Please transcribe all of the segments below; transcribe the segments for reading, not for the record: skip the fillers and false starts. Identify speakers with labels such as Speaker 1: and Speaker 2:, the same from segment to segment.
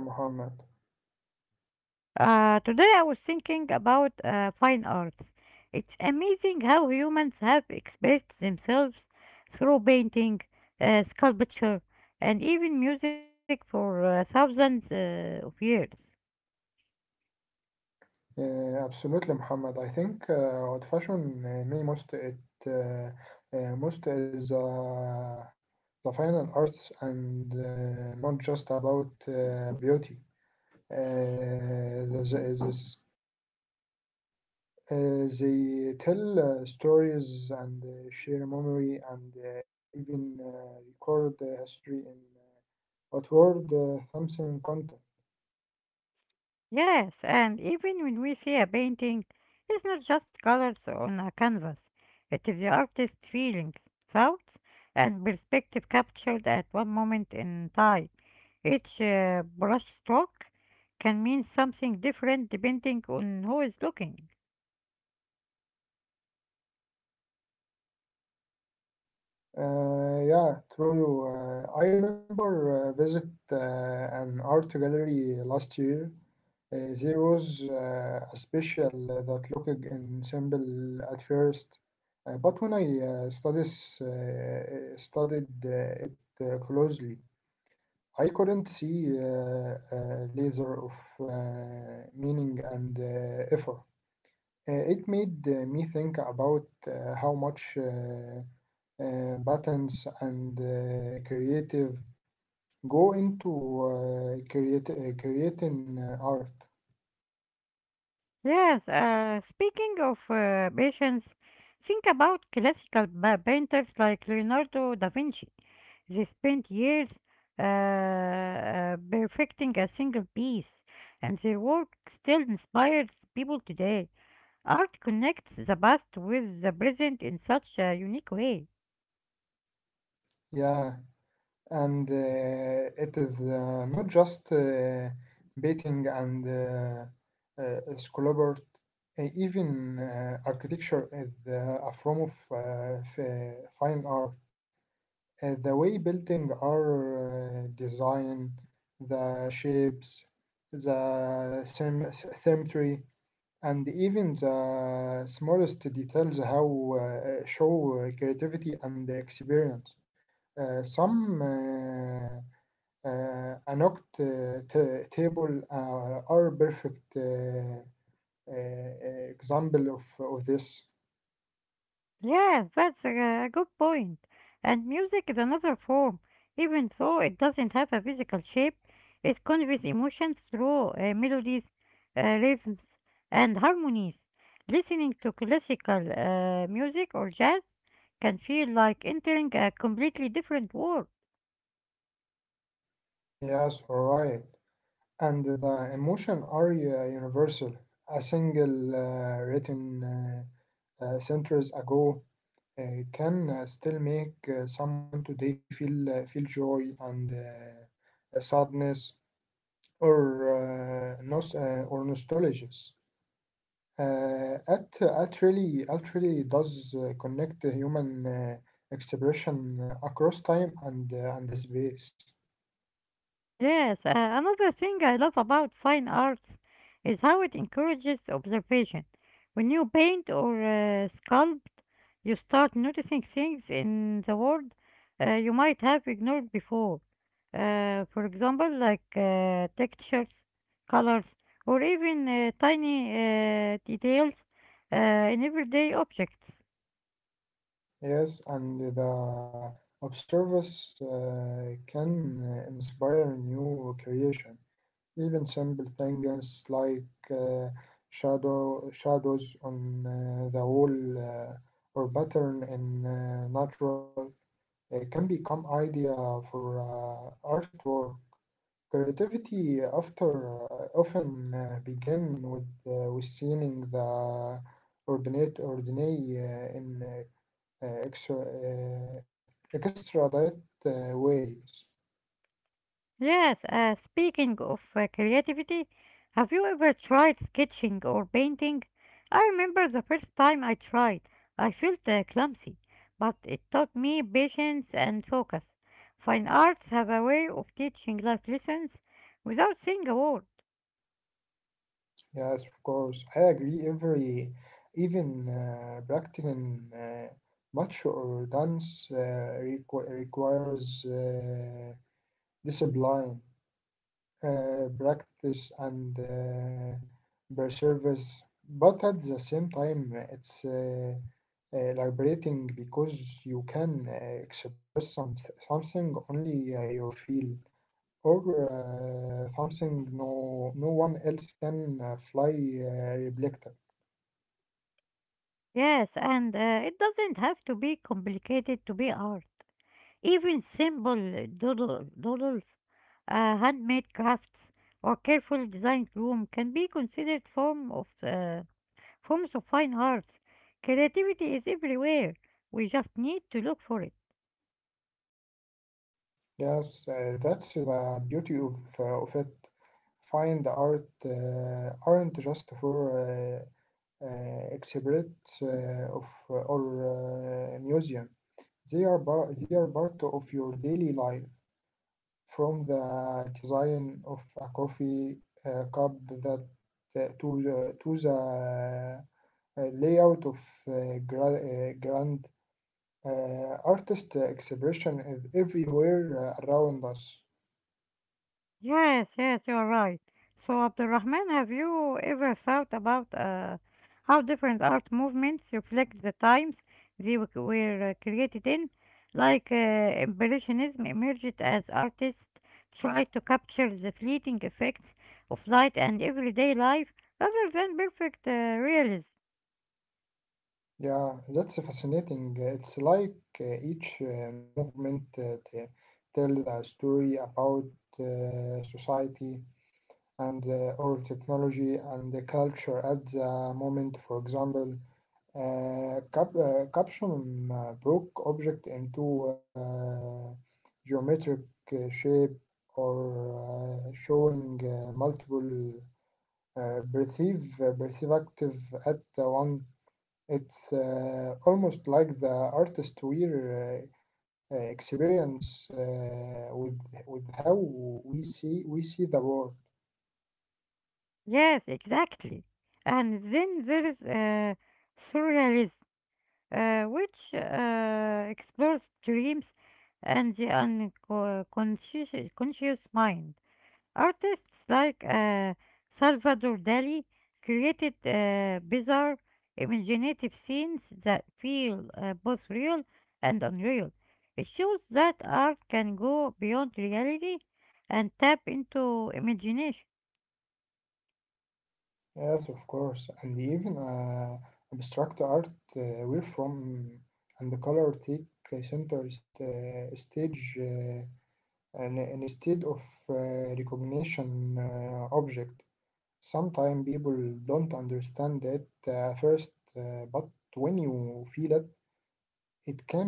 Speaker 1: Welcome, Muhammad. Absolutely, Muhammad. I think old fashion may most it uh, most is the final arts and not just about beauty. Uh, this, this, they tell stories and share memory and even record history in outward something content. Yeah, true. I remember visit an art gallery last year. There was a special that looked in simple at first, but when I studied it closely, I couldn't see laser of meaning and effort. It made me think about how much. Patterns and creative go into creating art, yeah, and it is not just painting and sculpture, even architecture is a form of fine art. The way building are design, the shapes, the sym- symmetry, and even the smallest details how show creativity and experience. Some Anok table are perfect example of this. Yes, alright. And the emotion are universal. A single written centuries ago, it can still make someone today feel joy and sadness or nostalgia. Art really does connect the human expression across time and the space. Yes, and the observers can inspire new creation. Even simple things like uh, shadows on the wall, or pattern in natural can become idea for artwork. Creativity after often begin with seeing the ordinate ordinary in uh, extra uh, extradite ways. Yes, of course. I agree. Every, even practicing much or dance requires discipline, practice, and perseverance. But at the same time, it's liberating because you can express something only you feel or something no one else can fly uh, replicate. Yes, that's the beauty of it. Find art aren't just for exhibits of or museum. They are part of your daily life. From the design of a coffee cup that, to the layout of grand artist expression is everywhere around us. Yeah, that's fascinating. It's like each movement tells a story about society and or technology and the culture at the moment. For example, caption broke object into geometric shape or showing multiple perceive active at the one. It's almost like the artist we're experience with how we see the world. Yes, of course, and even abstract art, uh, where from and the color take center stage, and instead of recognition object. Sometimes people don't understand that first, but when you feel it,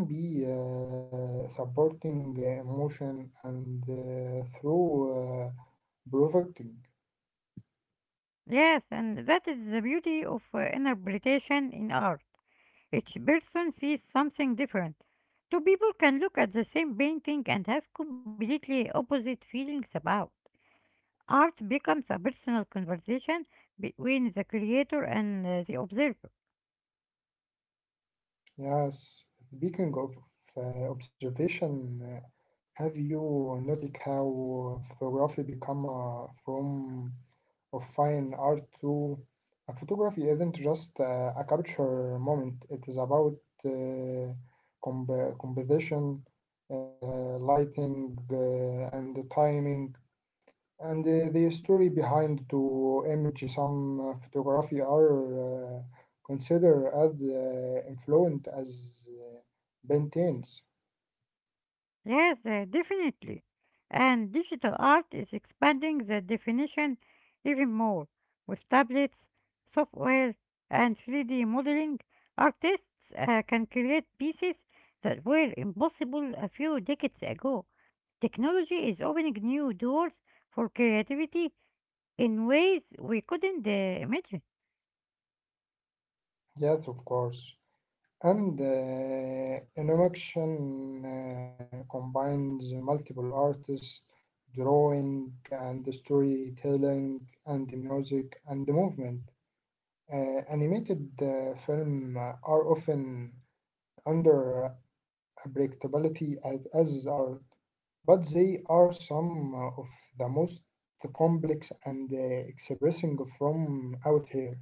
Speaker 1: it can be supporting emotion and through provoking. Yes, speaking of observation, have you noted how photography become a form of fine art to? A photography isn't just a capture moment. It is about uh, composition, uh, lighting, and the timing and the story behind to image. Some photography are considered as influent as paintings. Yes, of course. And animation combines multiple artists, drawing and storytelling and the music and the movement. Animated film are often under unpredictability as art, but they are some of the most complex and expressing from out here.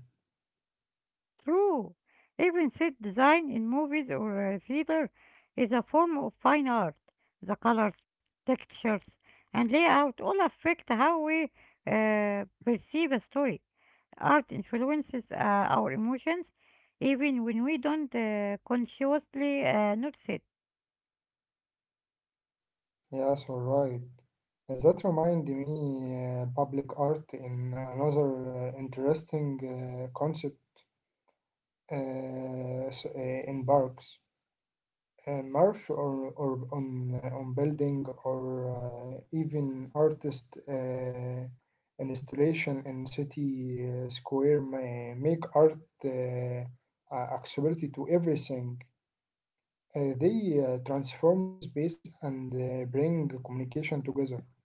Speaker 1: Yes, all right. Does that remind me public art in another interesting concept uh, s- uh, in parks. Merch or on building or even artist installation in city square may make art uh, accessibility to everything. They transform space and bring communication together.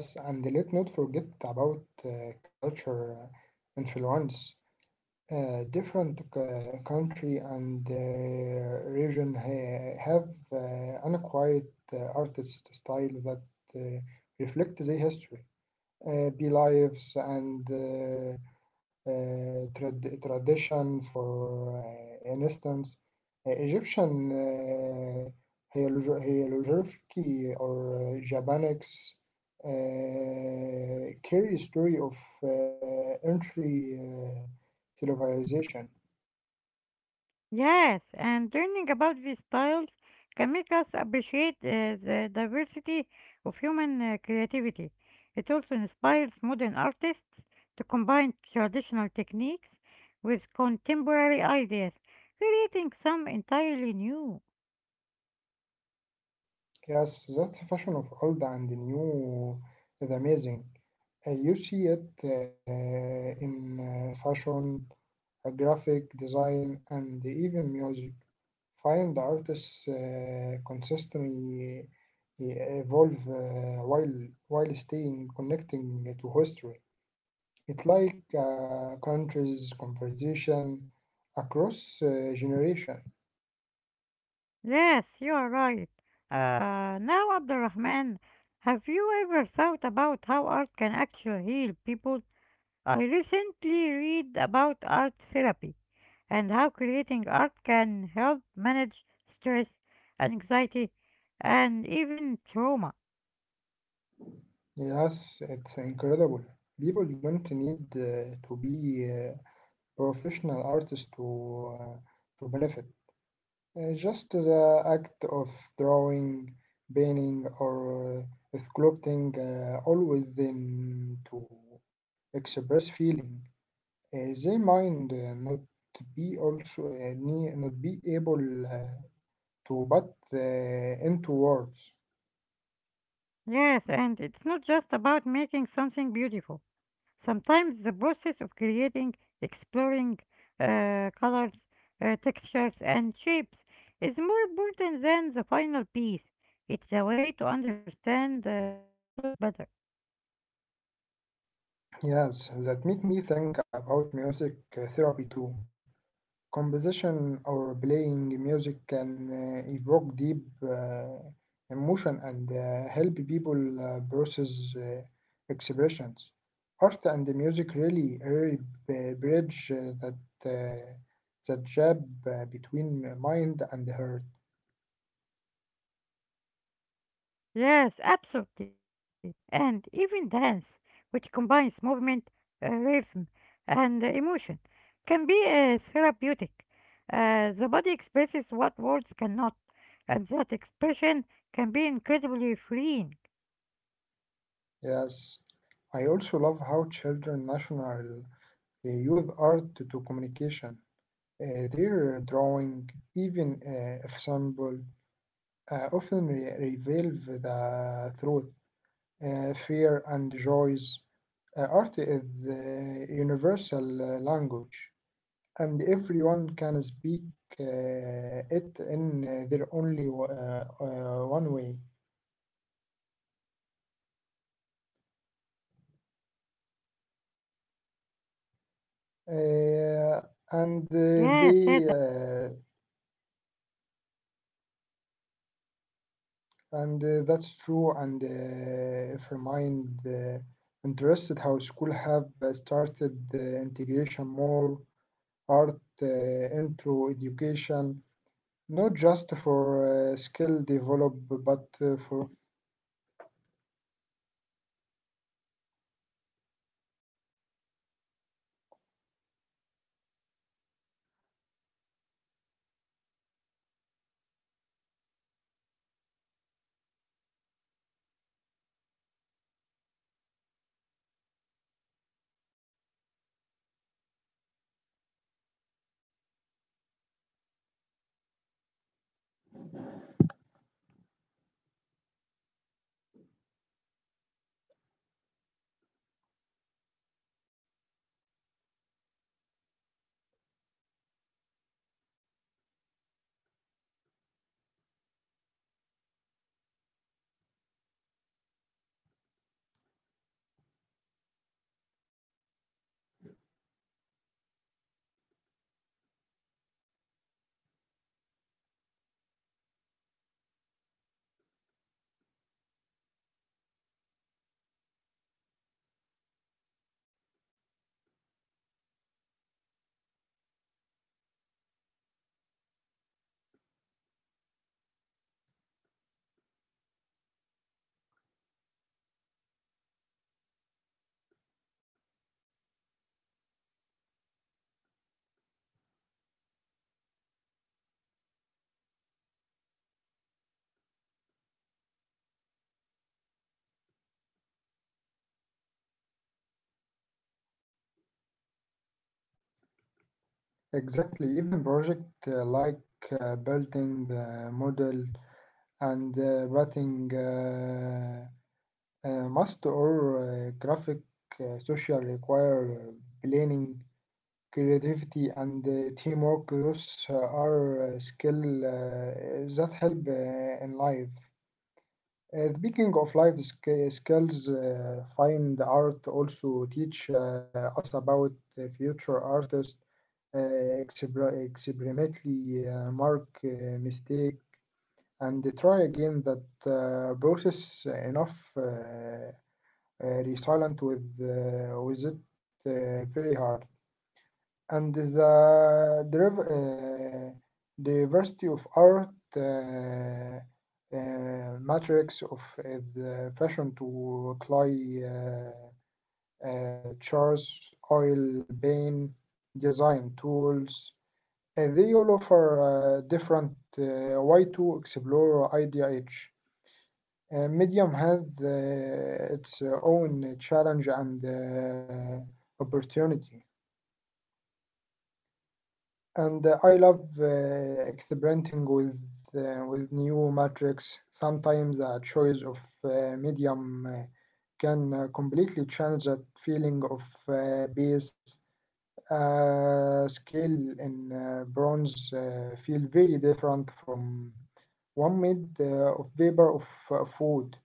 Speaker 1: Yes, and let not forget about culture influence. Different country and region have unquiet artist style that uh, reflect the history, beliefs, and tradition. For instance, Egyptian hieroglyphy or Japanese carry a story of uh, entry civilization. Yes, that's the fashion of old and new is amazing. You see it in fashion, graphic design, and even music. Find artists consistently evolve while staying connecting to history. It's like countries' conversation across generation. Yes, it's incredible. People don't need to be professional artists uh, to benefit. Just the act of drawing, painting, or sculpting always them to express feeling. They mind not be also not be able to put into words. Yes, that make me think about music therapy too. Composition or playing music can evoke deep emotion and help people process expressions. Art and music really, really bridge uh, that gap between mind and heart. Yes, I also love how children national use art to communication. Their drawing, even if simple, often reveal the truth, fear, and joys. Art is the universal language, and everyone can speak uh, it in their only one way. Uh, and they, and That's true. And if remind interested how school have started integration more art into education not just for skill develop but for exactly even project like building model and writing must or graphic social require planning creativity and teamwork. Those are skill that help in life. Speaking of life skills, fine art also teach us about the future artists, experimentally mark mistake and try again. That process enough resilient with it very hard, and the diversity of art, matrix of the fashion to clay, chars, oil, paint, design tools. They all offer different way to explore IDH. Medium has its own challenge and opportunity. And I love experimenting with new metrics. Sometimes a choice of medium can completely change that feeling of bass. Scale in bronze feel very different from one made of paper of food,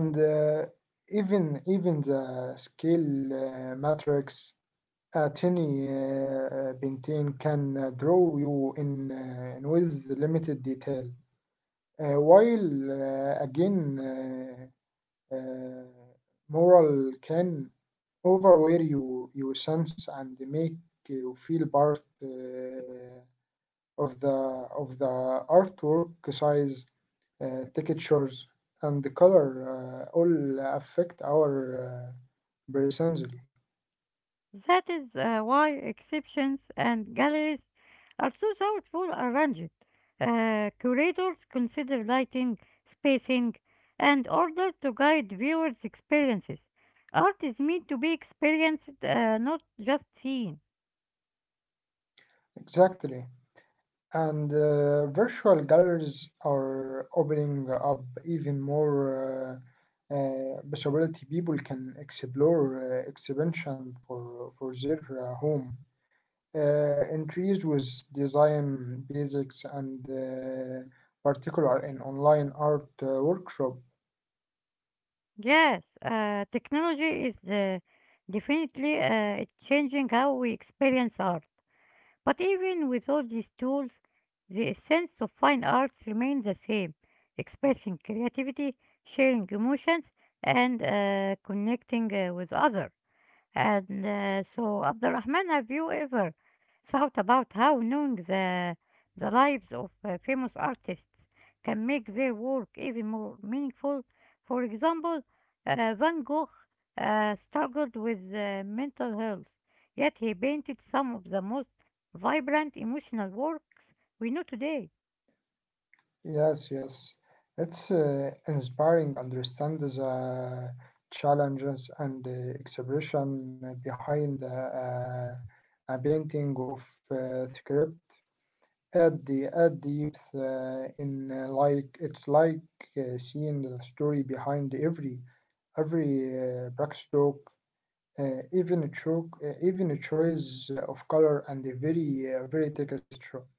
Speaker 1: and even the scale matrix أعطني آه، بنتين can draw you in with limited detail while again uh, uh, moral can overwear you your sense and make you feel part of the of the artwork size, textures and the color all affect our personality.
Speaker 2: That is why exhibitions and galleries are so thoughtful arranged. Curators consider lighting, spacing, and order to guide viewers' experiences. Art is meant to be experienced, not just seen.
Speaker 1: Exactly. And virtual galleries are opening up even more possibility. People can explore expansion for their home. Entries with design basics and particular in online art workshop.
Speaker 2: Yes, technology is definitely changing how we experience art. But even with all these tools, the essence of fine arts remains the same, expressing creativity, sharing emotions, and connecting with others. And so, Abdurrahman, have you ever thought about how knowing the lives of famous artists can make their work even more meaningful? For example, Van Gogh struggled with mental health, yet he painted some of the most vibrant emotional works we know today.
Speaker 1: Yes, yes. It's inspiring understand the challenges and the expression behind a painting of script at the at depth in like it's like seeing the story behind every backstroke, even a choice of color and the very texture.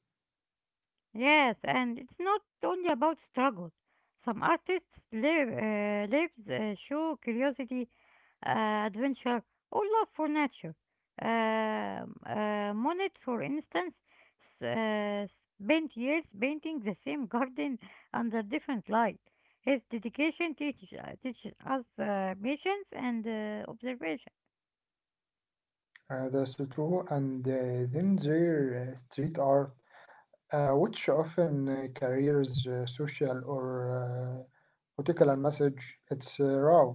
Speaker 2: Yes, and it's not only about struggle. Some artists live, lives show curiosity, adventure, or love for nature. Monet, for instance, spent years painting the same garden under different light. His dedication teaches us patience and observation.
Speaker 1: That's true, and then their street art which often carries social or political message. It's raw,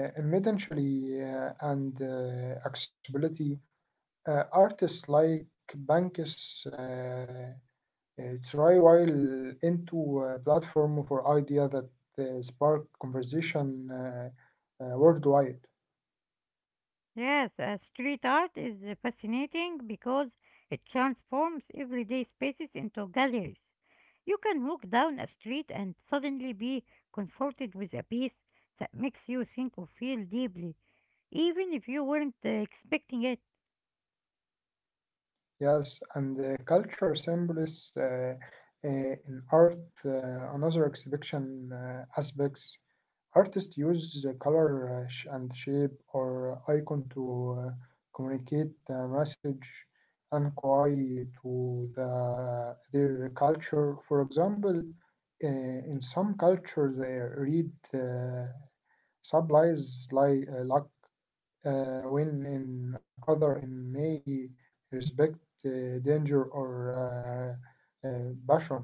Speaker 1: immediately, and accessibility. Artists like Banks try while into a platform for idea that spark conversation worldwide.
Speaker 2: Yes, street art is fascinating because it transforms everyday spaces into galleries. You can walk down a street and suddenly be confronted with a piece that makes you think or feel deeply, even if you weren't expecting it.
Speaker 1: Yes, and the culture symbols in art, another exhibition aspects. Artists use color and shape or icon to communicate a message and query to their culture. For example, in some cultures, they read uh, supplies like luck, when in other in may respect danger or uh, uh, passion.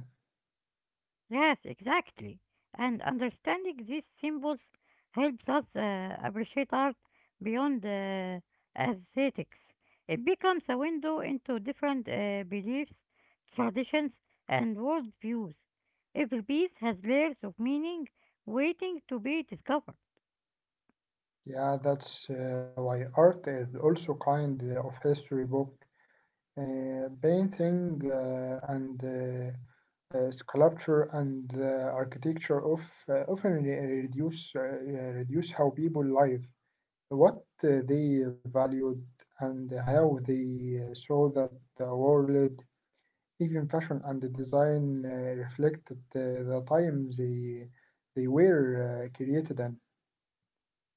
Speaker 2: Yes, exactly. And understanding these symbols helps us appreciate art beyond aesthetics. It becomes a window into different beliefs, traditions, and worldviews. Every piece has layers of meaning waiting to be discovered.
Speaker 1: Yeah, that's why art is also kind of history book. Painting and sculpture and architecture of, often reduce how people live, what they valued, and how they saw that the world, even fashion and the design reflected the time they were created in.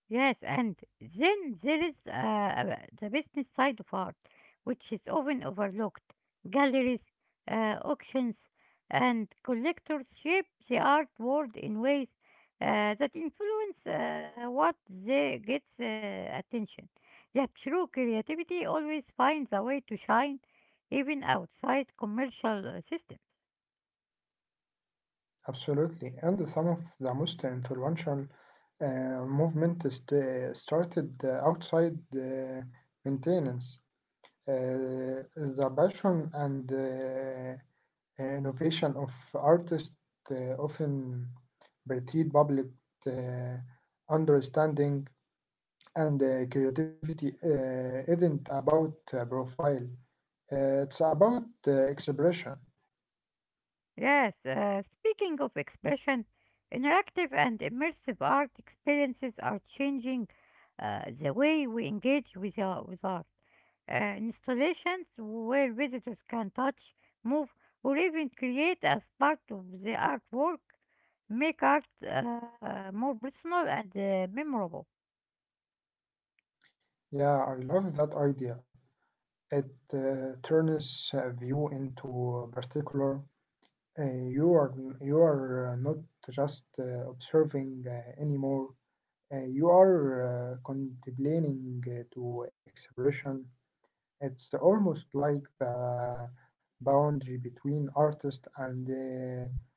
Speaker 2: Yes, and then there is the business side of art, which is often overlooked. Galleries, auctions, and collectors shape the art world in ways that influence what they gets attention. Yet true creativity always finds a way to shine, even outside commercial systems.
Speaker 1: Absolutely. And some of the most influential movement started outside maintenance. The passion and innovation of artists often perceived public uh, understanding and creativity isn't about profile. It's about expression.
Speaker 2: Yes, speaking of expression, interactive and immersive art experiences are changing the way we engage with art. Installations where visitors can touch, move, or even create as part of the artwork make art more personal and memorable.
Speaker 1: Yeah, I love that idea. It turns a view into a particular. Uh, you are you are not just observing anymore. You are contemplating to expression. It's almost like the boundary between artist and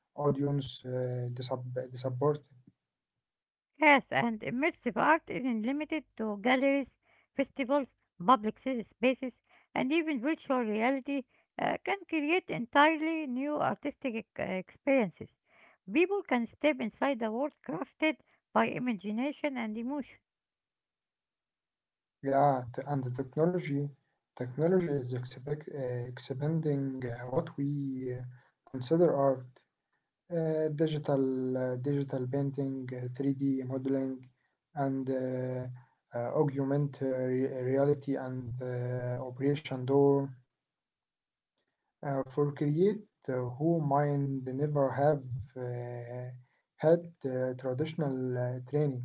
Speaker 1: audience support.
Speaker 2: Yes, and immersive art isn't limited to galleries, festivals, public city spaces, and even virtual reality can create entirely new artistic experiences. People can step inside a world crafted by imagination and emotion.
Speaker 1: Yeah, and the technology is expanding what we consider art. Digital painting, 3D modeling, and augmented reality and Operation Door for create who mind never have uh, had traditional training.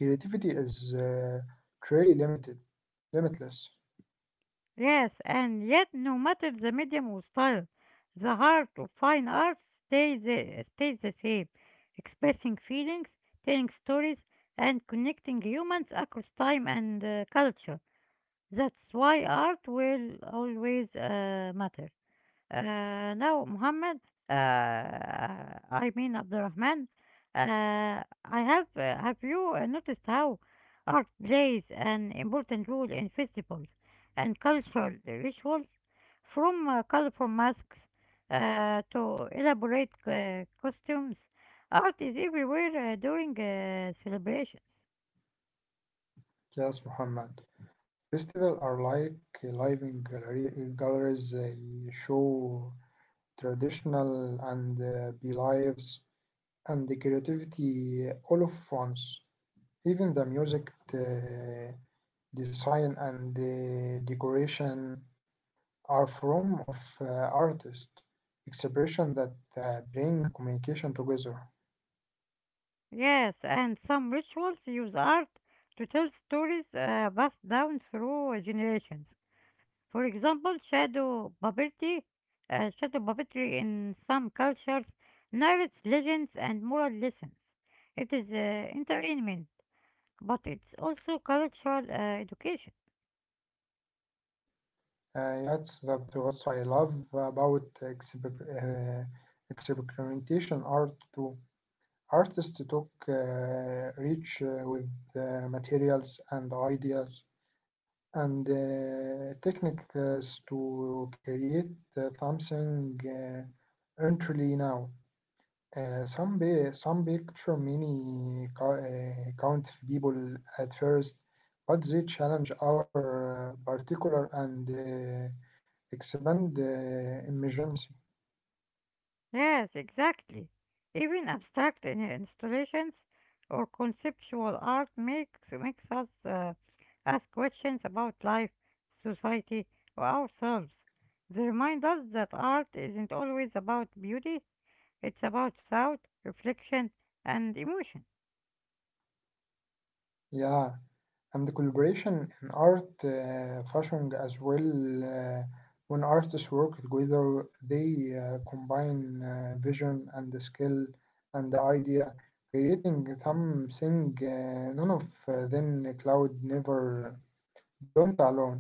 Speaker 1: Creativity is truly limitless.
Speaker 2: Yes, and yet, no matter the medium or style, the heart of fine art stays the same, expressing feelings, telling stories, and connecting humans across time and culture. That's why art will always matter. Uh, Now, Muhammad, uh, I mean Abdurrahman, I have you noticed how art plays an important role in festivals and cultural rituals, from colorful masks to elaborate costumes. Art is everywhere during celebrations.
Speaker 1: Yes, Muhammad. Festivals are like living galleries. They show traditional and the beliefs and the creativity all of France. Even the music, the design, and the decoration are form of artist expression that bring communication together.
Speaker 2: Yes, and some rituals use art to tell stories passed down through generations. For example, shadow puppetry in some cultures narrates legends and moral lessons. It is entertainment, but it's also cultural education.
Speaker 1: That's what I love about experimentation art too. Artists took reach with materials and ideas and techniques to create something entirely now. Some picture many count people at first, but they challenge our particular and expand emergency.
Speaker 2: Yes, exactly. Even abstract installations or conceptual art makes us ask questions about life, society, or ourselves. They remind us that art isn't always about beauty; it's about thought, reflection, and emotion.
Speaker 1: Yeah. And the collaboration in art fashion as well. uh, when artists work together they combine vision and the skill and the idea, creating something none of them cloud never don't alone.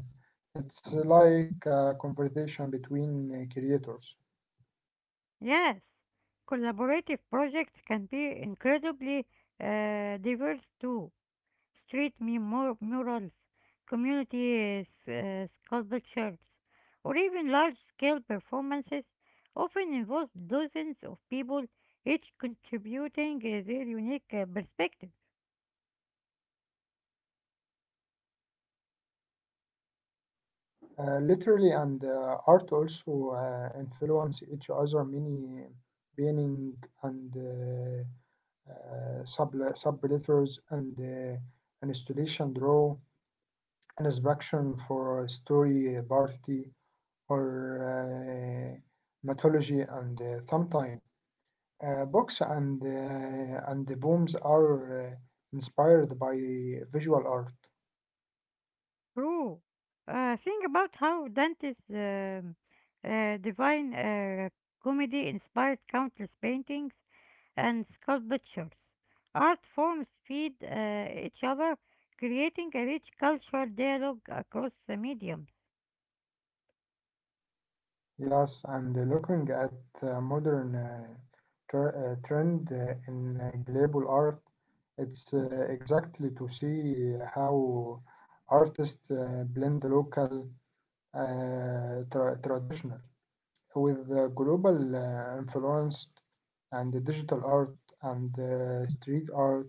Speaker 1: It's like a conversation between creators.
Speaker 2: Yes, collaborative projects can be incredibly diverse too. Street murals, community sculptures, or even large scale performances often involve dozens of people, each contributing their unique perspective.
Speaker 1: Literally, and art also influence each other. Many painting and uh, sub subletters and installation row, an inspection for story party or uh, mythology and sometime books and the booms are inspired by visual art.
Speaker 2: True. Think about how Dante's divine comedy inspired countless paintings and sculptures. Art forms feed each other, creating a rich cultural dialogue across the mediums.
Speaker 1: Yes, and looking at modern trend in global art, it's exactly to see how artists blend local traditional with global influence and the digital art and street art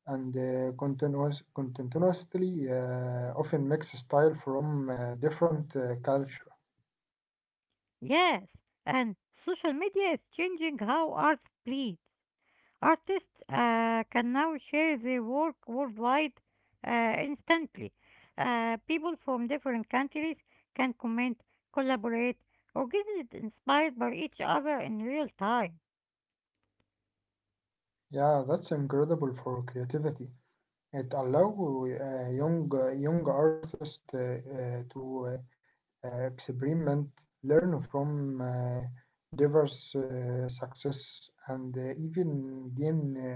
Speaker 1: and continuously often mix style from different culture.
Speaker 2: Yes, and social media is changing how art breathes. Artists can now share their work worldwide instantly. People from different countries can comment, collaborate, or get it inspired by each other in real time.
Speaker 1: Yeah, that's incredible for creativity. It allow young artists to experiment, learn from diverse success, and even gain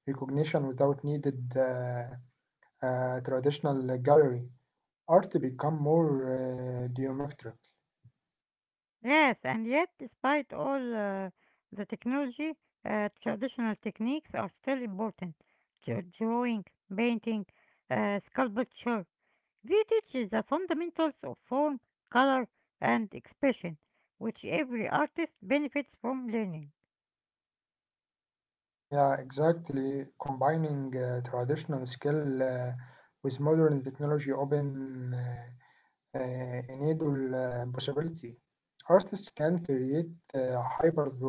Speaker 1: recognition without needed traditional gallery. Art become more geometric.
Speaker 2: Yes, and yet, despite all the technology, traditional techniques are still important. Drawing, painting, sculpture, they teach the fundamentals of form, color, and expression, which every artist benefits from learning.
Speaker 1: Yeah, exactly. Combining traditional skill with modern technology open enable possibility. Artists can create hybrid work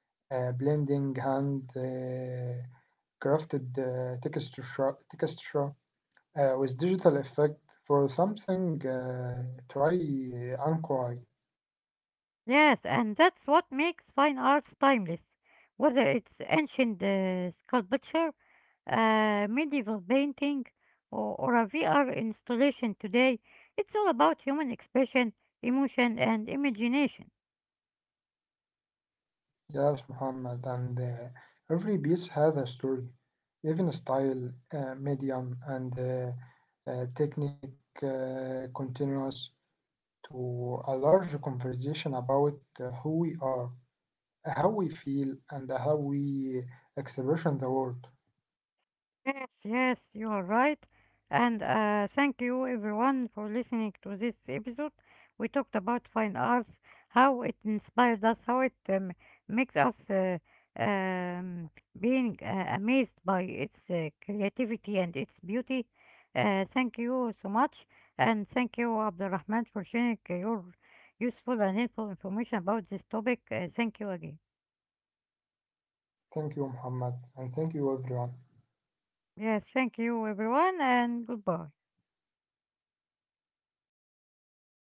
Speaker 1: blending hand crafted texture with digital effect for something try and cry.
Speaker 2: Yes, and that's what makes fine arts timeless. Whether it's ancient sculpture, a medieval painting, or a VR installation today, it's all about human expression, emotion, and imagination.
Speaker 1: Yes, Muhammad, and every piece has a story, even style, medium, and technique continues to a large conversation about who we are, how we feel, and how we expression the world.
Speaker 2: Yes, yes, you are right. And thank you everyone for listening to this episode. We talked about fine arts, how it inspired us, how it makes us um, being amazed by its creativity and its beauty. Thank you so much. And thank you, Abdurrahman, for sharing your useful and helpful information about this topic. Thank you again.
Speaker 1: Thank you, Muhammad, and thank you, everyone.
Speaker 2: Yes, thank you everyone and goodbye.